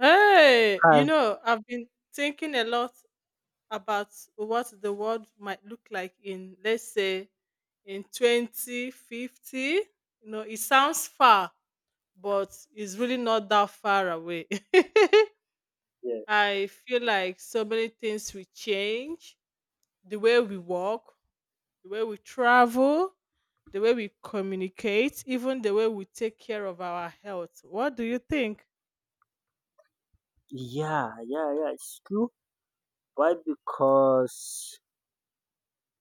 Hey, Hi. you know, I've been thinking a lot about what the world might look like in, let's say, in 2050. You know, it sounds far, but it's really not that far away. Yeah, I feel like so many things will change the way we walk, the way we travel, the way we communicate, even the way we take care of our health. What do you think? yeah, yeah, yeah. It's true. Why? Because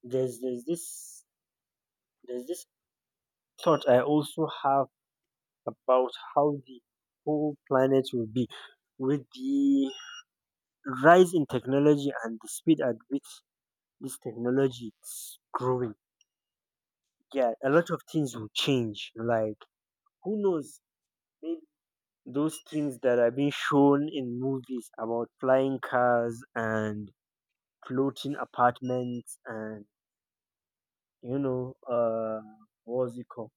there's there's this there's this thought I also have about how the whole planet will be with the rise in technology and the speed at which this technology is growing. Yeah, a lot of things will change. Like who knows? Maybe those things that are being shown in movies about flying cars and floating apartments and you know, uh, what's it called?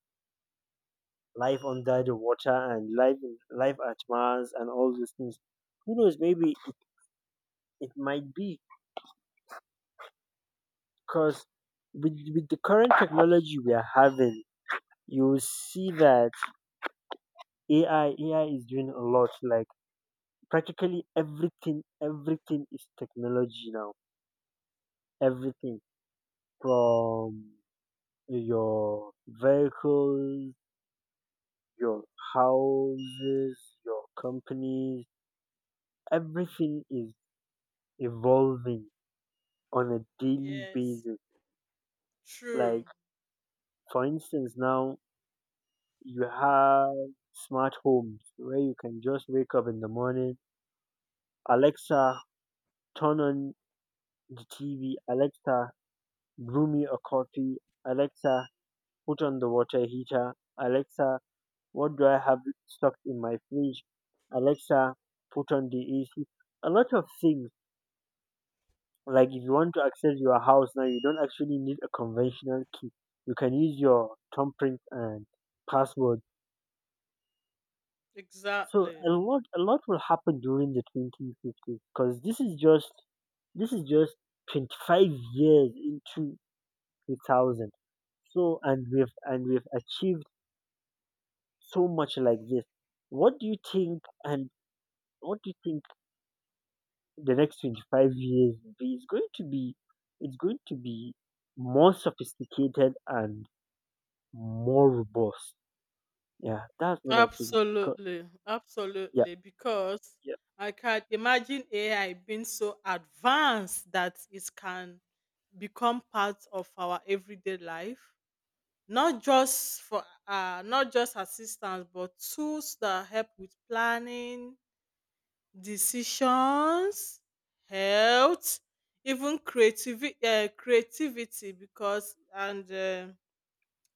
Life under the water and life at Mars and all these things. Who knows? Maybe it might be because with the current technology we are having, you see that AI is doing a lot. Like practically everything is technology now. Everything from your vehicles, your houses, your companies, everything is evolving on a daily Yes, basis. true. Like, for instance, now you have smart homes where you can just wake up in the morning, Alexa, turn on the TV, Alexa, brew me a coffee, Alexa, put on the water heater, Alexa, what do I have stocked in my fridge, Alexa, put on the AC. A lot of things. Like if you want to access your house now, you don't actually need a conventional key. You can use your thumbprint and password. So Exactly. a lot will happen during the 2050s, because this is just 25 years into 2000. So and we've achieved so much like this. What do you think? And what do you think the next 25 years will be? It's going to be more sophisticated and more robust. Yeah, that's what I think. Co- Absolutely, Yeah, absolutely. Because yeah, I can imagine AI being so advanced that it can become part of our everyday life, not just for not just assistance, but tools that help with planning, decisions, health, even creativity, creativity. Because and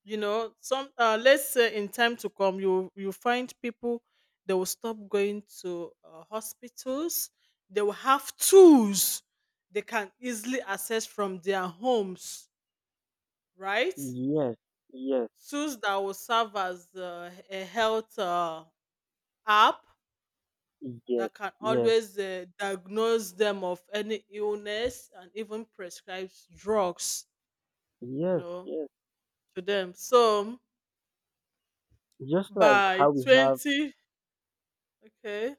you know some let's say in time to come you find people they will stop going to hospitals they will have tools they can easily access from their homes, right? yes, yes, Tools that will serve as a health app yes, that can yes, always diagnose them of any illness and even prescribes drugs, you yes, know, yes. to them. So Just like by how we have 20, okay.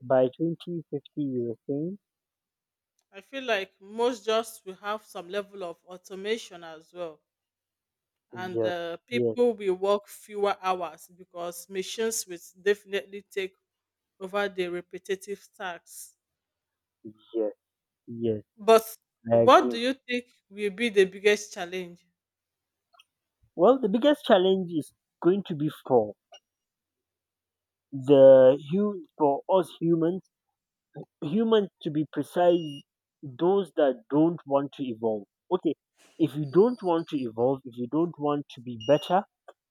by 2050, you were saying? I feel like most jobs will have some level of automation as well, and Yes, yes, people will work fewer hours because machines will definitely take over the repetitive tasks. yes, yes, But I what do agree. you think will be the biggest challenge? Well, the biggest challenge is going to be for for us humans, humans to be precise, those that don't want to evolve. Okay, if you don't want to evolve, if you don't want to be better,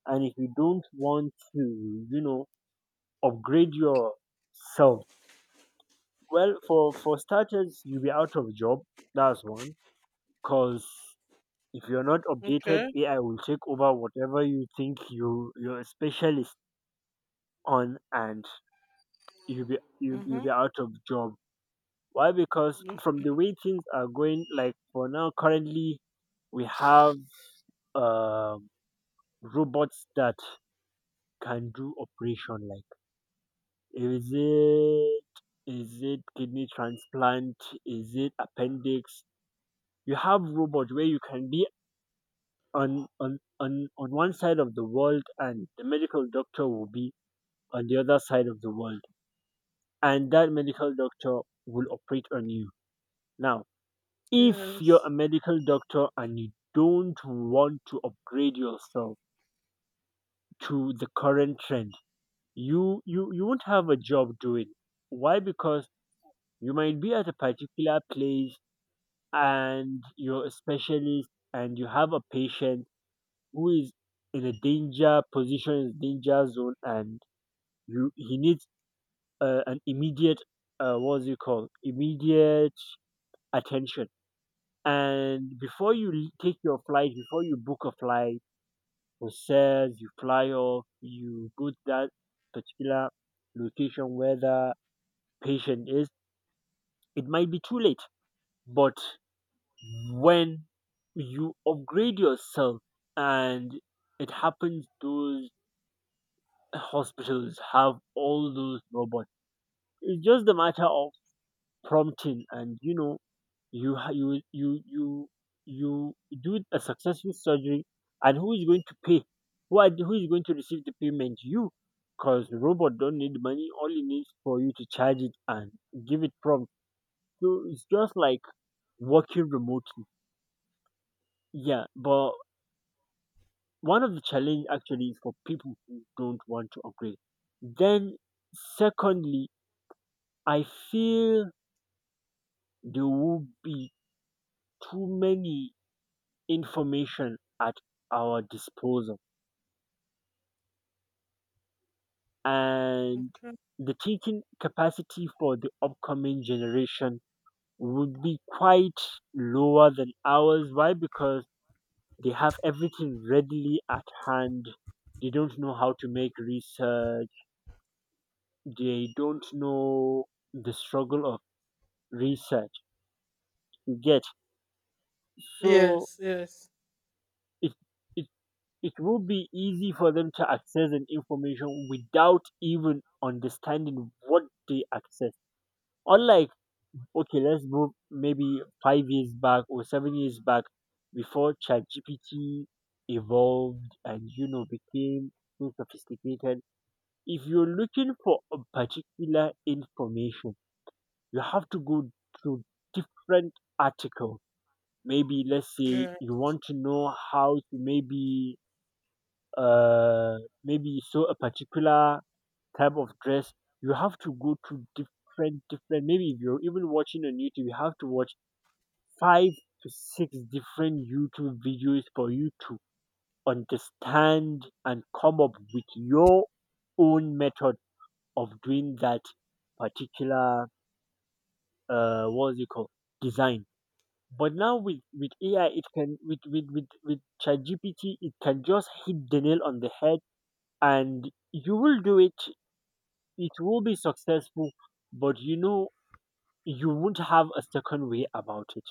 and if you don't want to, upgrade yourself, well, for starters, you'll be out of job. That's one. Cause if you're not updated, Okay. AI will take over whatever you think you're a specialist on, and you'll be you you'll Mm-hmm. be out of job. Why? Because from the way things are going, like for now, currently we have um robots that can do operation. Like, Is it is it kidney transplant? Is it appendix? You have robot where you can be on one side of the world and the medical doctor will be on the other side of the world, and that medical doctor will operate on you. Now, if you're Yes. a medical doctor and you don't want to upgrade yourself to the current trend, you won't have a job doing. Why? Because you might be at a particular place and you're a specialist and you have a patient who is in a danger position, danger zone, and you he needs an immediate, what's it called, immediate attention. And before take your flight, before you book a flight, process, you fly off, you go to that particular location where the patient is, it might be too late. But when you upgrade yourself and it happens those hospitals have all those robots, it's just a matter of prompting, and you know you ha- you do a successful surgery. And who is going to pay? Who, are, who is going to receive the payment? You? Because the robot don't need money, all it needs for you to charge it and give it prompt. So it's just like working remotely. Yeah, but one of the challenge actually is for people who don't want to upgrade. Then, secondly, I feel there will be too many information at our disposal, and Okay. the thinking capacity for the upcoming generation would be quite lower than ours. Why? Because they have everything readily at hand. They don't know how to make research. They don't know the struggle of research. You get. So Yes. Yes. it it it will be easy for them to access an information without even understanding what they access. Unlike, okay, let's move maybe 5 years back or 7 years back, before ChatGPT evolved and became so sophisticated. If you're looking for a particular information, you have to go through different articles. Maybe let's say Yeah. you want to know how to uh maybe sew a particular type of dress, you have to go to different maybe, if you're even watching on YouTube, you have to watch five to six different YouTube videos for you to understand and come up with your own method of doing that particular, what's it called, design. But now with AI, it can, with ChatGPT, it can just hit the nail on the head, and you will do it. It will be successful, but you know you won't have a second way about it.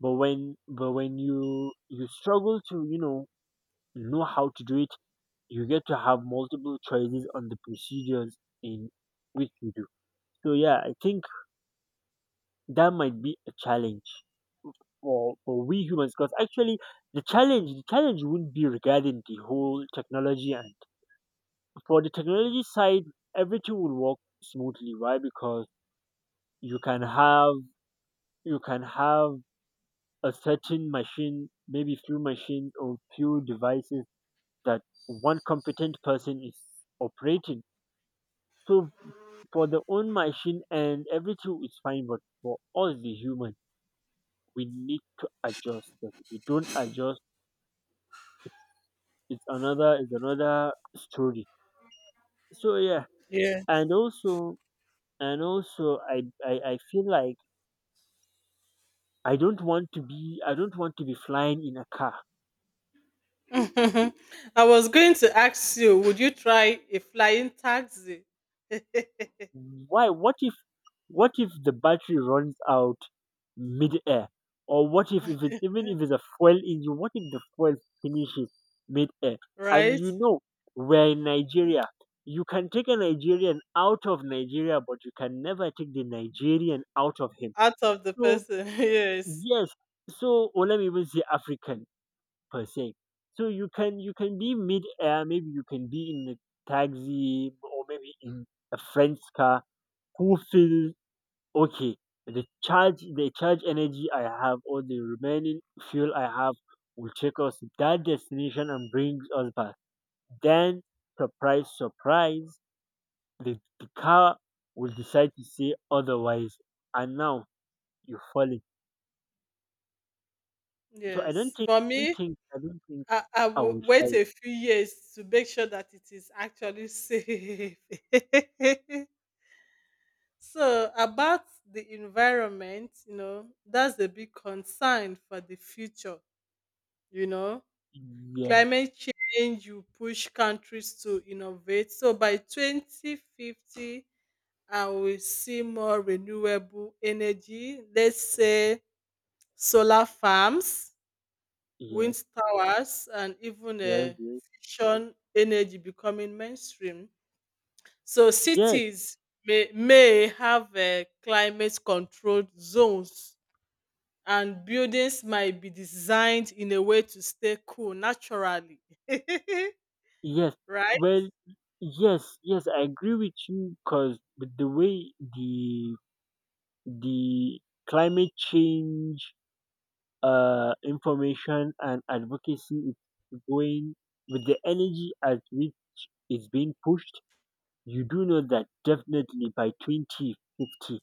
But when you struggle to know how to do it, you get to have multiple choices on the procedures in which you do. So yeah, I think that might be a challenge. For we humans, because actually the challenge wouldn't be regarding the whole technology, and for the technology side everything will work smoothly. Why? Because you can have you can have a certain machine, maybe few machines or few devices that one competent person is operating. So for the own machine and everything is fine, but for all the human we need to adjust, because if we don't adjust, it's another story. So yeah, Yeah. and also I feel like I don't want to be I don't want to be flying in a car. I was going to ask you, would you try a flying taxi, Why? What if the battery runs out mid air? Or what if it's even if it's a fuel engine, what if the fuel finishes mid air? And right? you know we're in Nigeria. You can take a Nigerian out of Nigeria, but you can never take the Nigerian out of him. Out of the So person. Yes. yes. So, or let me even say African per se. So you can be mid air, maybe you can be in a taxi or maybe in a friend's car who feels okay. The charge energy I have or the remaining fuel I have will take us to that destination and brings us back. Then, surprise, surprise, the car will decide to say otherwise, and now you fall. So I don't Yes, think for I don't me, think I don't think I I will will wait try. a few years to make sure that it is actually safe. So, about the environment, you know, that's a big concern for the future. You know, Yes, climate change will push countries to innovate. So, by 2050, I will see more renewable energy, let's say solar farms, yes, wind towers, and even yes, yes. fusion energy becoming mainstream. So Yes, cities may have climate controlled zones and buildings might be designed in a way to stay cool naturally. yes. Right? Well, yes, yes, I agree with you, because with the way the climate change information and advocacy is going, with the energy at which it's being pushed, you do know that definitely by twenty fifty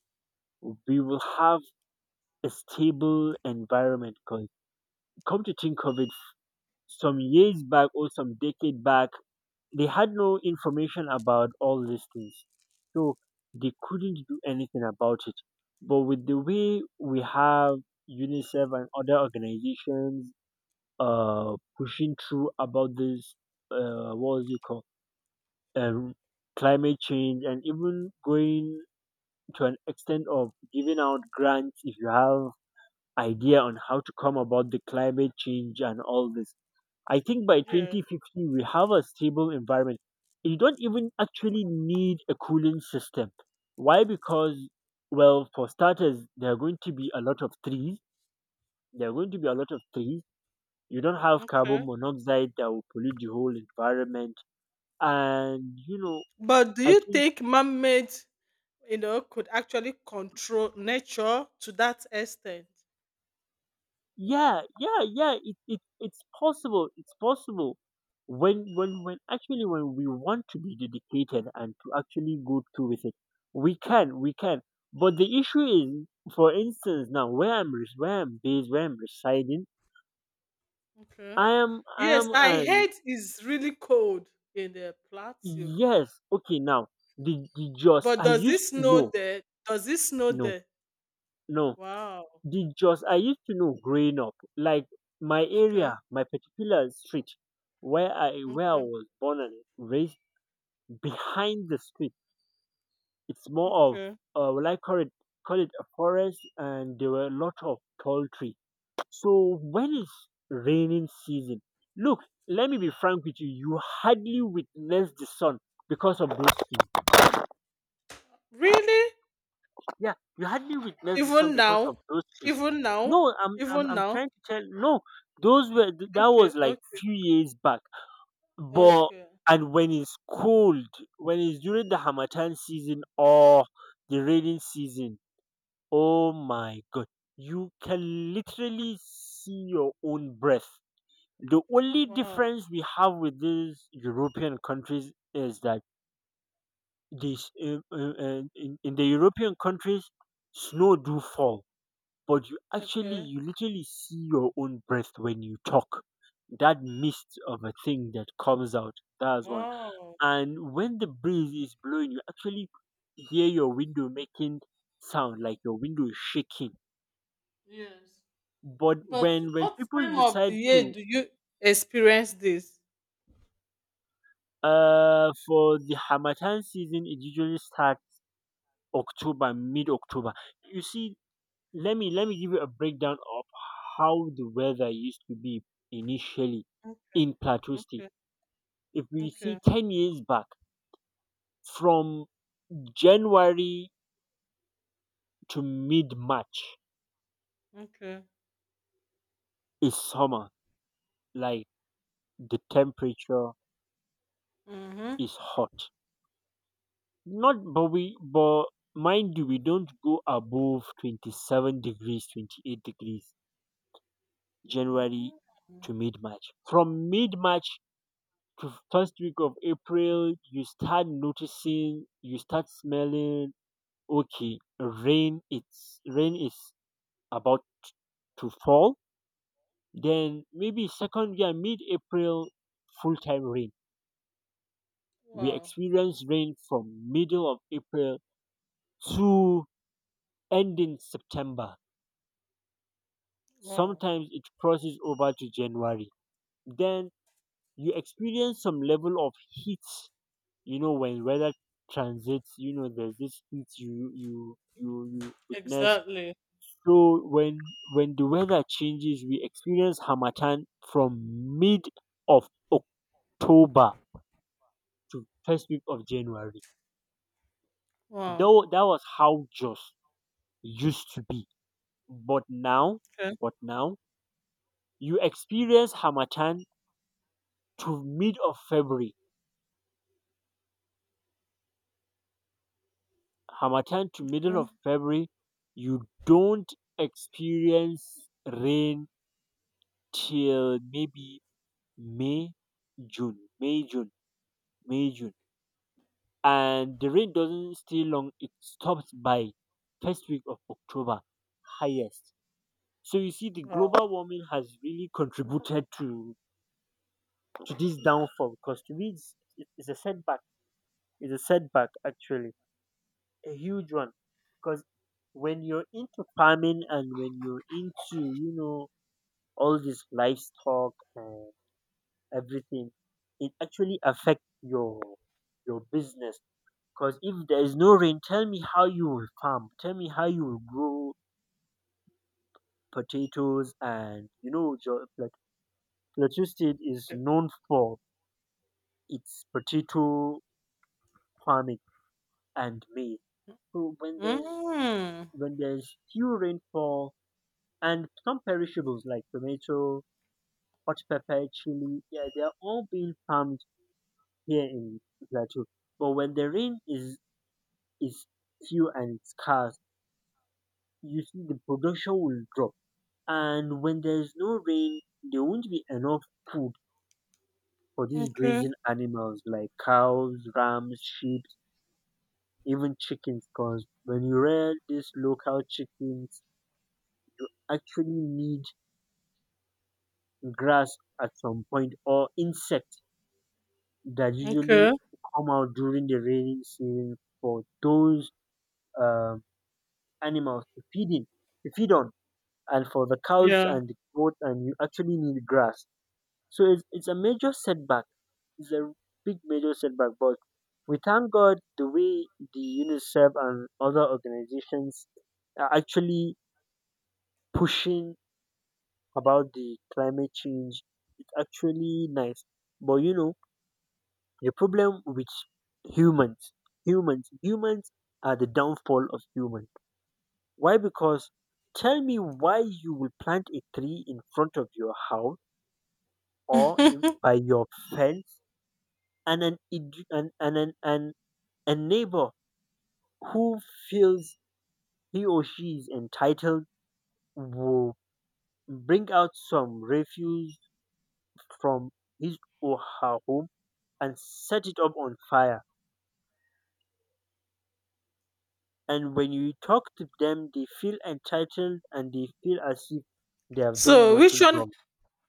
we will have a stable environment, 'cause come to think of it, some years back or some decade back, they had no information about all these things. So they couldn't do anything about it. But with the way we have UNICEF and other organizations pushing through about this, what was it called, um, climate change, and even going to an extent of giving out grants if you have idea on how to come about the climate change and all this, I think by Yeah. 2050, we have a stable environment. You don't even actually need a cooling system. Why? Because, well, for starters, there are going to be a lot of trees. There are going to be a lot of trees. You don't have carbon Okay. monoxide that will pollute the whole environment. And, But do I you think. think man-made, you know, could actually control nature to that extent? Yeah, yeah, yeah. It's possible. It's possible. When actually, when we want to be dedicated and to actually go through with it, we can, we can. But the issue is, for instance, now where where I'm based, where I'm residing, Okay. I am I Yes, am I an... heard it's really cold in the plateau. yes, okay. Now the just But I does it used to snow know, there? Does it snow no, there? no. Wow. The Jos I used to know growing up, like my Okay. area, my particular street where I Okay. was born and raised, behind the street, it's more of, Okay. Well, I call it, a forest, and there were a lot of tall trees. So when it's raining season, look, let me be frank with you, you hardly witness the sun because of those trees. Really? Yeah, you hardly witness the sun Even because of now? those trees. Even now? No, I'm I'm Even I'm now? trying to tell. No, that Okay. was like Okay. few years back. But Okay. and when it's cold, when it's during the Hamatan season or the rainy season, oh my god, you can literally see your own breath. The only Wow. difference we have with these European countries is that in the European countries, snow do fall, but you actually Okay. you literally see your own breath when you talk, that mist of a thing that comes out, that's one. Wow. And when the breeze is blowing, you actually hear your window making sound, like your window is shaking. Yes. But But when what people time of the decide year to... do you experience this? For the Hamatan season, it usually starts October, mid October. You see, let me give you a breakdown of how the weather used to be initially Mm. in Plateau State. Okay. If we see Okay. 10 years back, from January to mid March Okay. is summer. Like, the temperature Mm-hmm. is hot. Not, but mind you, we don't go above 27 degrees, 28 degrees, January Hmm. to mid March. From mid March to first week of April, you start noticing, you start smelling, okay, rain, rain is about to fall. Then maybe second year, mid-April, full-time rain. We Wow. experience rain from middle of April to ending September. Wow. Sometimes it crosses over to January. Then you experience some level of heat. You know when weather transits, you know there's this heat you witness. Exactly. So when the weather changes, we experience Hamatan from mid of October to first week of January. Wow. Though that was how Jos used to be. But now, Okay. but now you experience Hamatan to mid of February. Hamatan to middle Okay. of February, you don't experience rain till maybe May, June, May, June, May, June. And the rain doesn't stay long, it stops by first week of October, highest. So you see, the Wow. global warming has really contributed to this downfall. Because to me, it's a setback. It's a setback, actually, a huge one. Because when you're into farming and when you're into, all this livestock and everything, it actually affects your business. Because if there is no rain, tell me how you will farm. Tell me how you will grow potatoes and you know your, like, electricity is known for it's potato farming and maize. So when there's Mm. when there's few rainfall and some perishables like tomato, hot pepper, chili, yeah, they are all being farmed here in Plateau. But when the rain is few and scarce, you see the production will drop. And when there's no rain, there won't be enough food for these Okay, grazing animals like cows, rams, sheep, even chickens, because when you rear these local chickens, actually need grass at some point or insects that okay, usually come out during the rainy season for those um, animals to feed in, to feed on, and for the cows yeah. and the goat, and you actually need grass. So it's a major setback. It's a big major setback, but we thank God the way the UNICEF and other organizations are actually pushing about the climate change. It's actually nice. But you know, the problem with humans humans. Are the downfall of humans. Why? Because tell me why you will plant a tree in front of your house or by your fence, and an id- and an, and a neighbor who feels he or she is entitled will bring out some refuse from his or her home and set it up on fire. And when you talk to them, they feel entitled and they feel as if they have done So nothing wrong.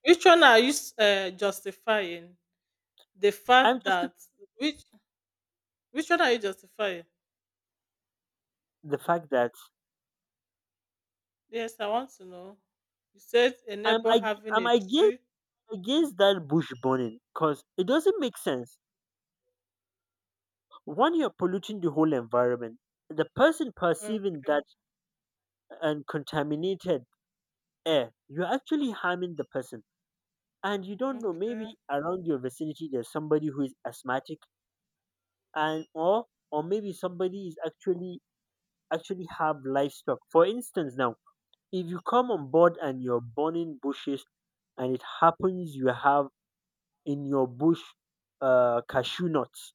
which one are you justifying? The I'm fact just the, that, which which one are you justifying? the fact that Yes, I want to know. You said a I'm neighbor I, having I'm a against tree. That bush burning, because it doesn't make sense. One, you're polluting the whole environment. The person Uh, perceiving that and contaminated air, you're actually harming the person. And you don't know, maybe okay. around your vicinity there's somebody who is asthmatic, and or maybe somebody is actually have livestock. For instance, now, if you come on board and you're burning bushes, and it happens you have in your bush cashew nuts,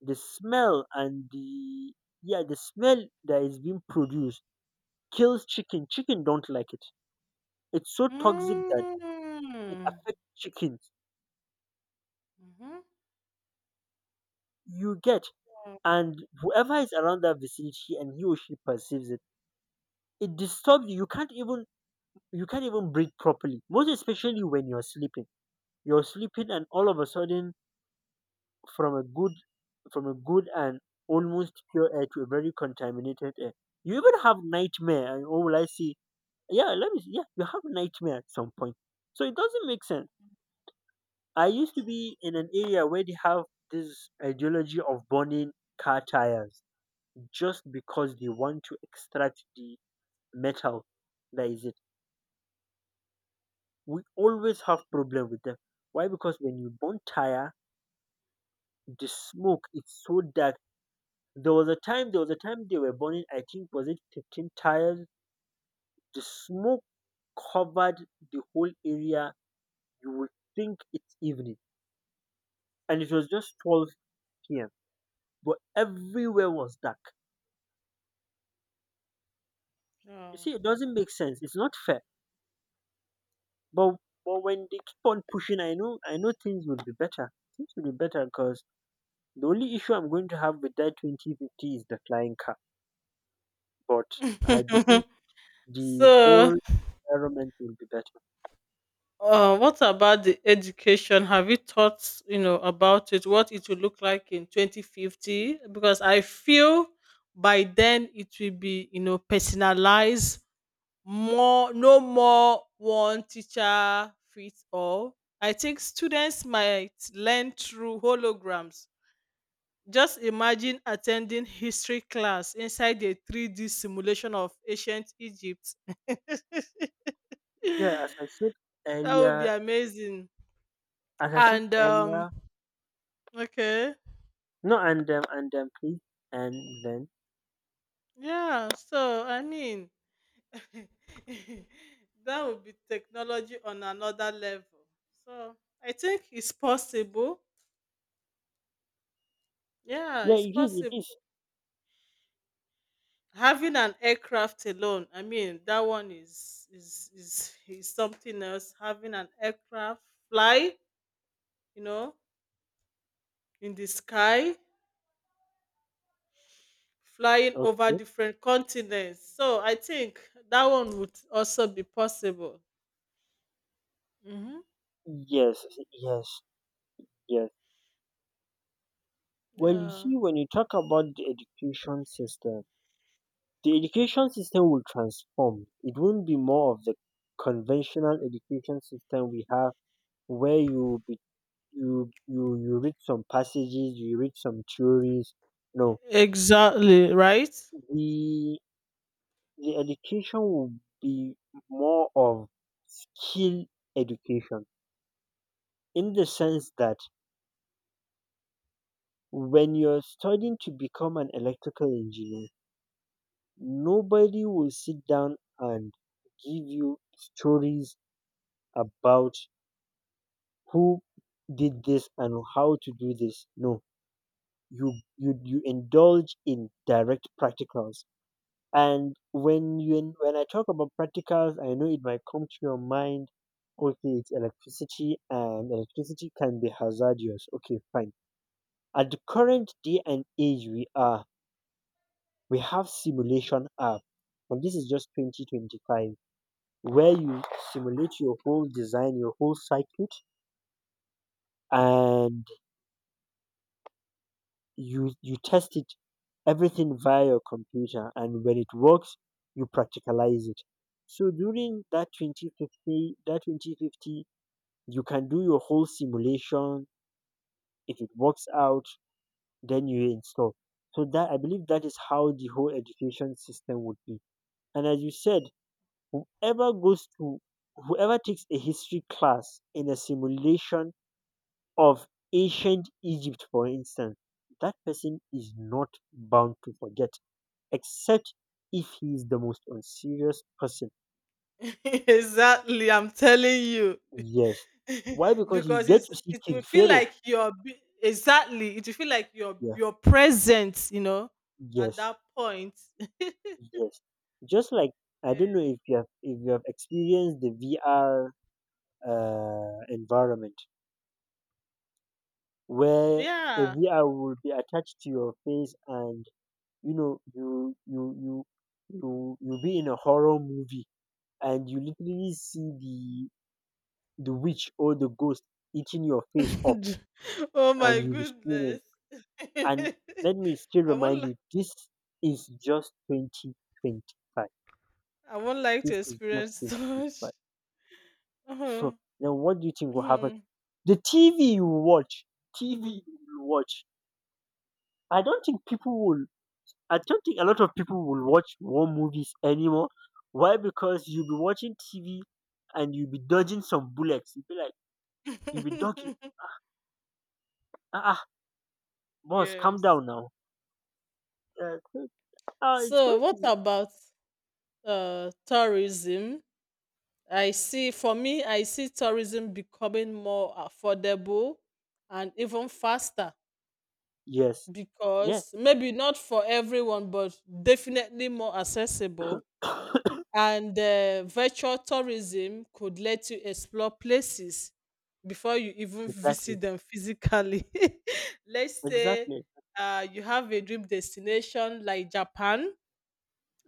the smell and the, yeah, the smell that is being produced kills chicken. Chicken don't like it. It's so toxic that it Mm. affects chickens. Mm-hmm. You get. And whoever is around that vicinity and he or she perceives it, it disturbs you. You can't even breathe properly. Most especially when you're sleeping. You're sleeping, and all of a sudden, from a good, from a good and almost pure air to a very contaminated air, you even have nightmare. And oh, will I see? Yeah, let me see. Yeah, you have nightmare at some point. So it doesn't make sense. I used to be in an area where they have this ideology of burning car tires just because they want to extract the metal, that is it. We always have problem with them. Why? Because when you burn tire, the smoke is so dark. There was a time they were burning, I think, was it 15 tires? The smoke covered the whole area. You would think it's evening. And it was just twelve PM. But everywhere was dark. You Wow. see, it doesn't make sense. It's not fair. But but when they keep on pushing, I know things will be better. Things will be better because the only issue I'm going to have with that 2050 is the flying car. But I believe the So, whole environment will be better. What about the education? Have you thought, you know, about it? What it will look like in 2050? Because I feel by then it will be, you know, personalized more, no more one teacher fits all. I think students might learn through holograms. Just imagine attending history class inside a 3D simulation of ancient Egypt. Yeah, That as I said would be earlier, amazing. as I said And earlier, okay. no, and please, and then Yeah, so I mean, that would be technology on another level. So I think it's possible. Yeah, yeah, it's it is, possible. it is Having an aircraft alone, I mean, that one is something else. Having an aircraft fly, you know, in the sky, flying over okay. different continents. So I think that one would also be possible. Mm-hmm. Yes, yes, yes. Well, you Yeah. see, when you talk about the education system will transform. It won't be more of the conventional education system we have, where you be, you read some passages, you read some theories. No, Exactly, right? the the education will be more of skill education in the sense that when you're studying to become an electrical engineer, nobody will sit down and give you stories about who did this and how to do this. No, you indulge in direct practicals. And when I talk about practicals, I know it might come to your mind. Okay, it's electricity, and electricity can be hazardous. Okay, fine. At the current day and age we are, we have simulation app, and this is just 2025, where you simulate your whole design, your whole circuit, and you test it, everything via your computer. And when it works, you practicalize it. So during that 2050, that 2050, you can do your whole simulation. If it works out, then you install. So that, I believe, that is how the whole education system would be. And as you said, Whoever goes to whoever takes a history class in a simulation of ancient Egypt, for instance, that person is not bound to forget, except if he is the most unserious person. Exactly, I'm telling you. Yes. Why? Because you Because get it's, to see it will King feel Pharaoh. like you're be- exactly it will feel like you're Yeah. you're present, you know, at Yes. that point. Yes. Just like, I don't know if you have experienced the VR environment, where a Yeah. VR will be attached to your face, and you know you you you you be in a horror movie and you literally see the witch or the ghost eating your face up, Oh my and you be screaming. goodness. And let me still i won't remind li- you, this is just 2025. I won't like to This is just experience 2025. such. Uh-huh. So now, what do you think will happen? Mhm. The TV you watch, i don't think people will I don't think a lot of people will watch war movies anymore. Why? Because you'll be watching TV and you'll be dodging some bullets. You'll be like, you'll be dodging. Ah, ah, boss, calm Yes, down now. Uh, it's so going to what be. about tourism? I see, for me, I see tourism becoming more affordable and even faster, Yes. Yeah. because maybe not for everyone, but definitely more accessible. And virtual tourism could let you explore places before you even Exactly. visit them physically. Let's say Exactly. You have a dream destination like Japan,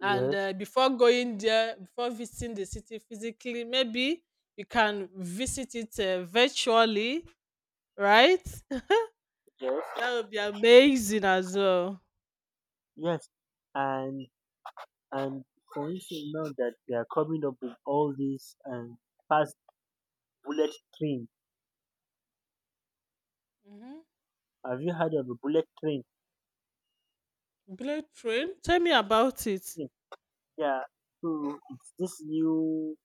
and before going there, before visiting the city physically, maybe you can visit it virtually, right? Yes. That would be amazing as well. Yes. And and for instance, now that they are coming up with all these, and fast bullet train. Hmm. Have you heard of a bullet train? Blade train, tell me about it. Hmm. Yeah. So it's this new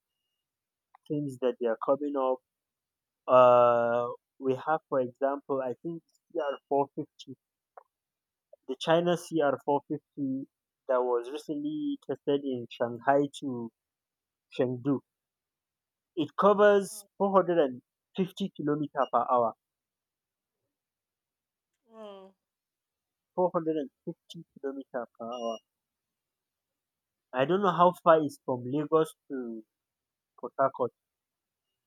things that they are coming up. Uh, we have, for example, I think, CR450, the China CR450 that was recently tested in Shanghai to Chengdu. It covers 450 kilometer per hour. Wow. 450 kilometer per hour. I don't know how far it's from Lagos to Port Harcourt,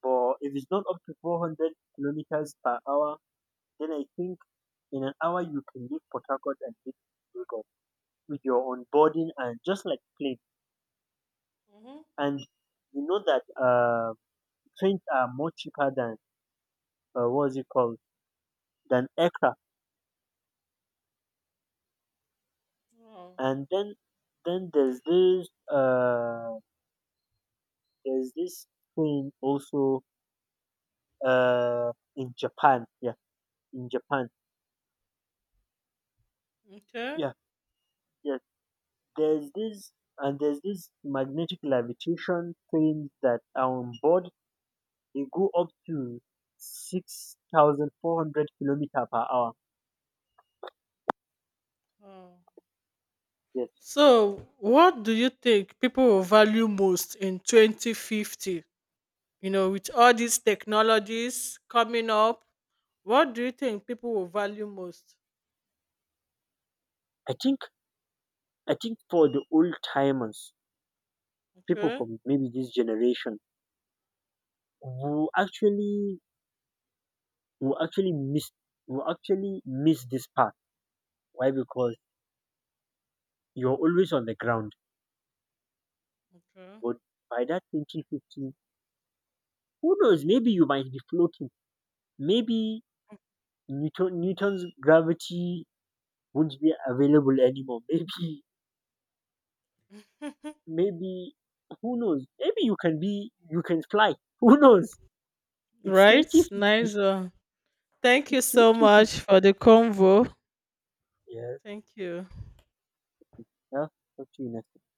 but if it's not up to 400 kilometers per hour, then I think in an hour you can leave Port Harcourt and hit Lagos, with your onboarding, and just like plane. Hmm. And you know that, trains are more cheaper than, what's it called, than aircraft. Wow. And then there's this there's this train also, in Japan. Yeah, in Japan. Okay. Yeah, yeah. There's this there's this magnetic levitation trains that are on board. They go up to 6,400 kilometer per hour. Wow. Yes, So what do you think people will value most in 2050? You know, with all these technologies coming up, what do you think people will value most? I think I think for the old timers, people Okay. from maybe this generation who actually who actually miss who actually miss this part. Why? Because you're always on the ground. Okay. But by that 2050, who knows? Maybe you might be floating. Maybe Newton's gravity won't be available anymore. Maybe, who knows? Maybe you can fly. Who knows? It's Right? Nice 2050. one. Thank It's you so much 2050. for the convo. Yeah. Thank you. Yeah. Talk to you next.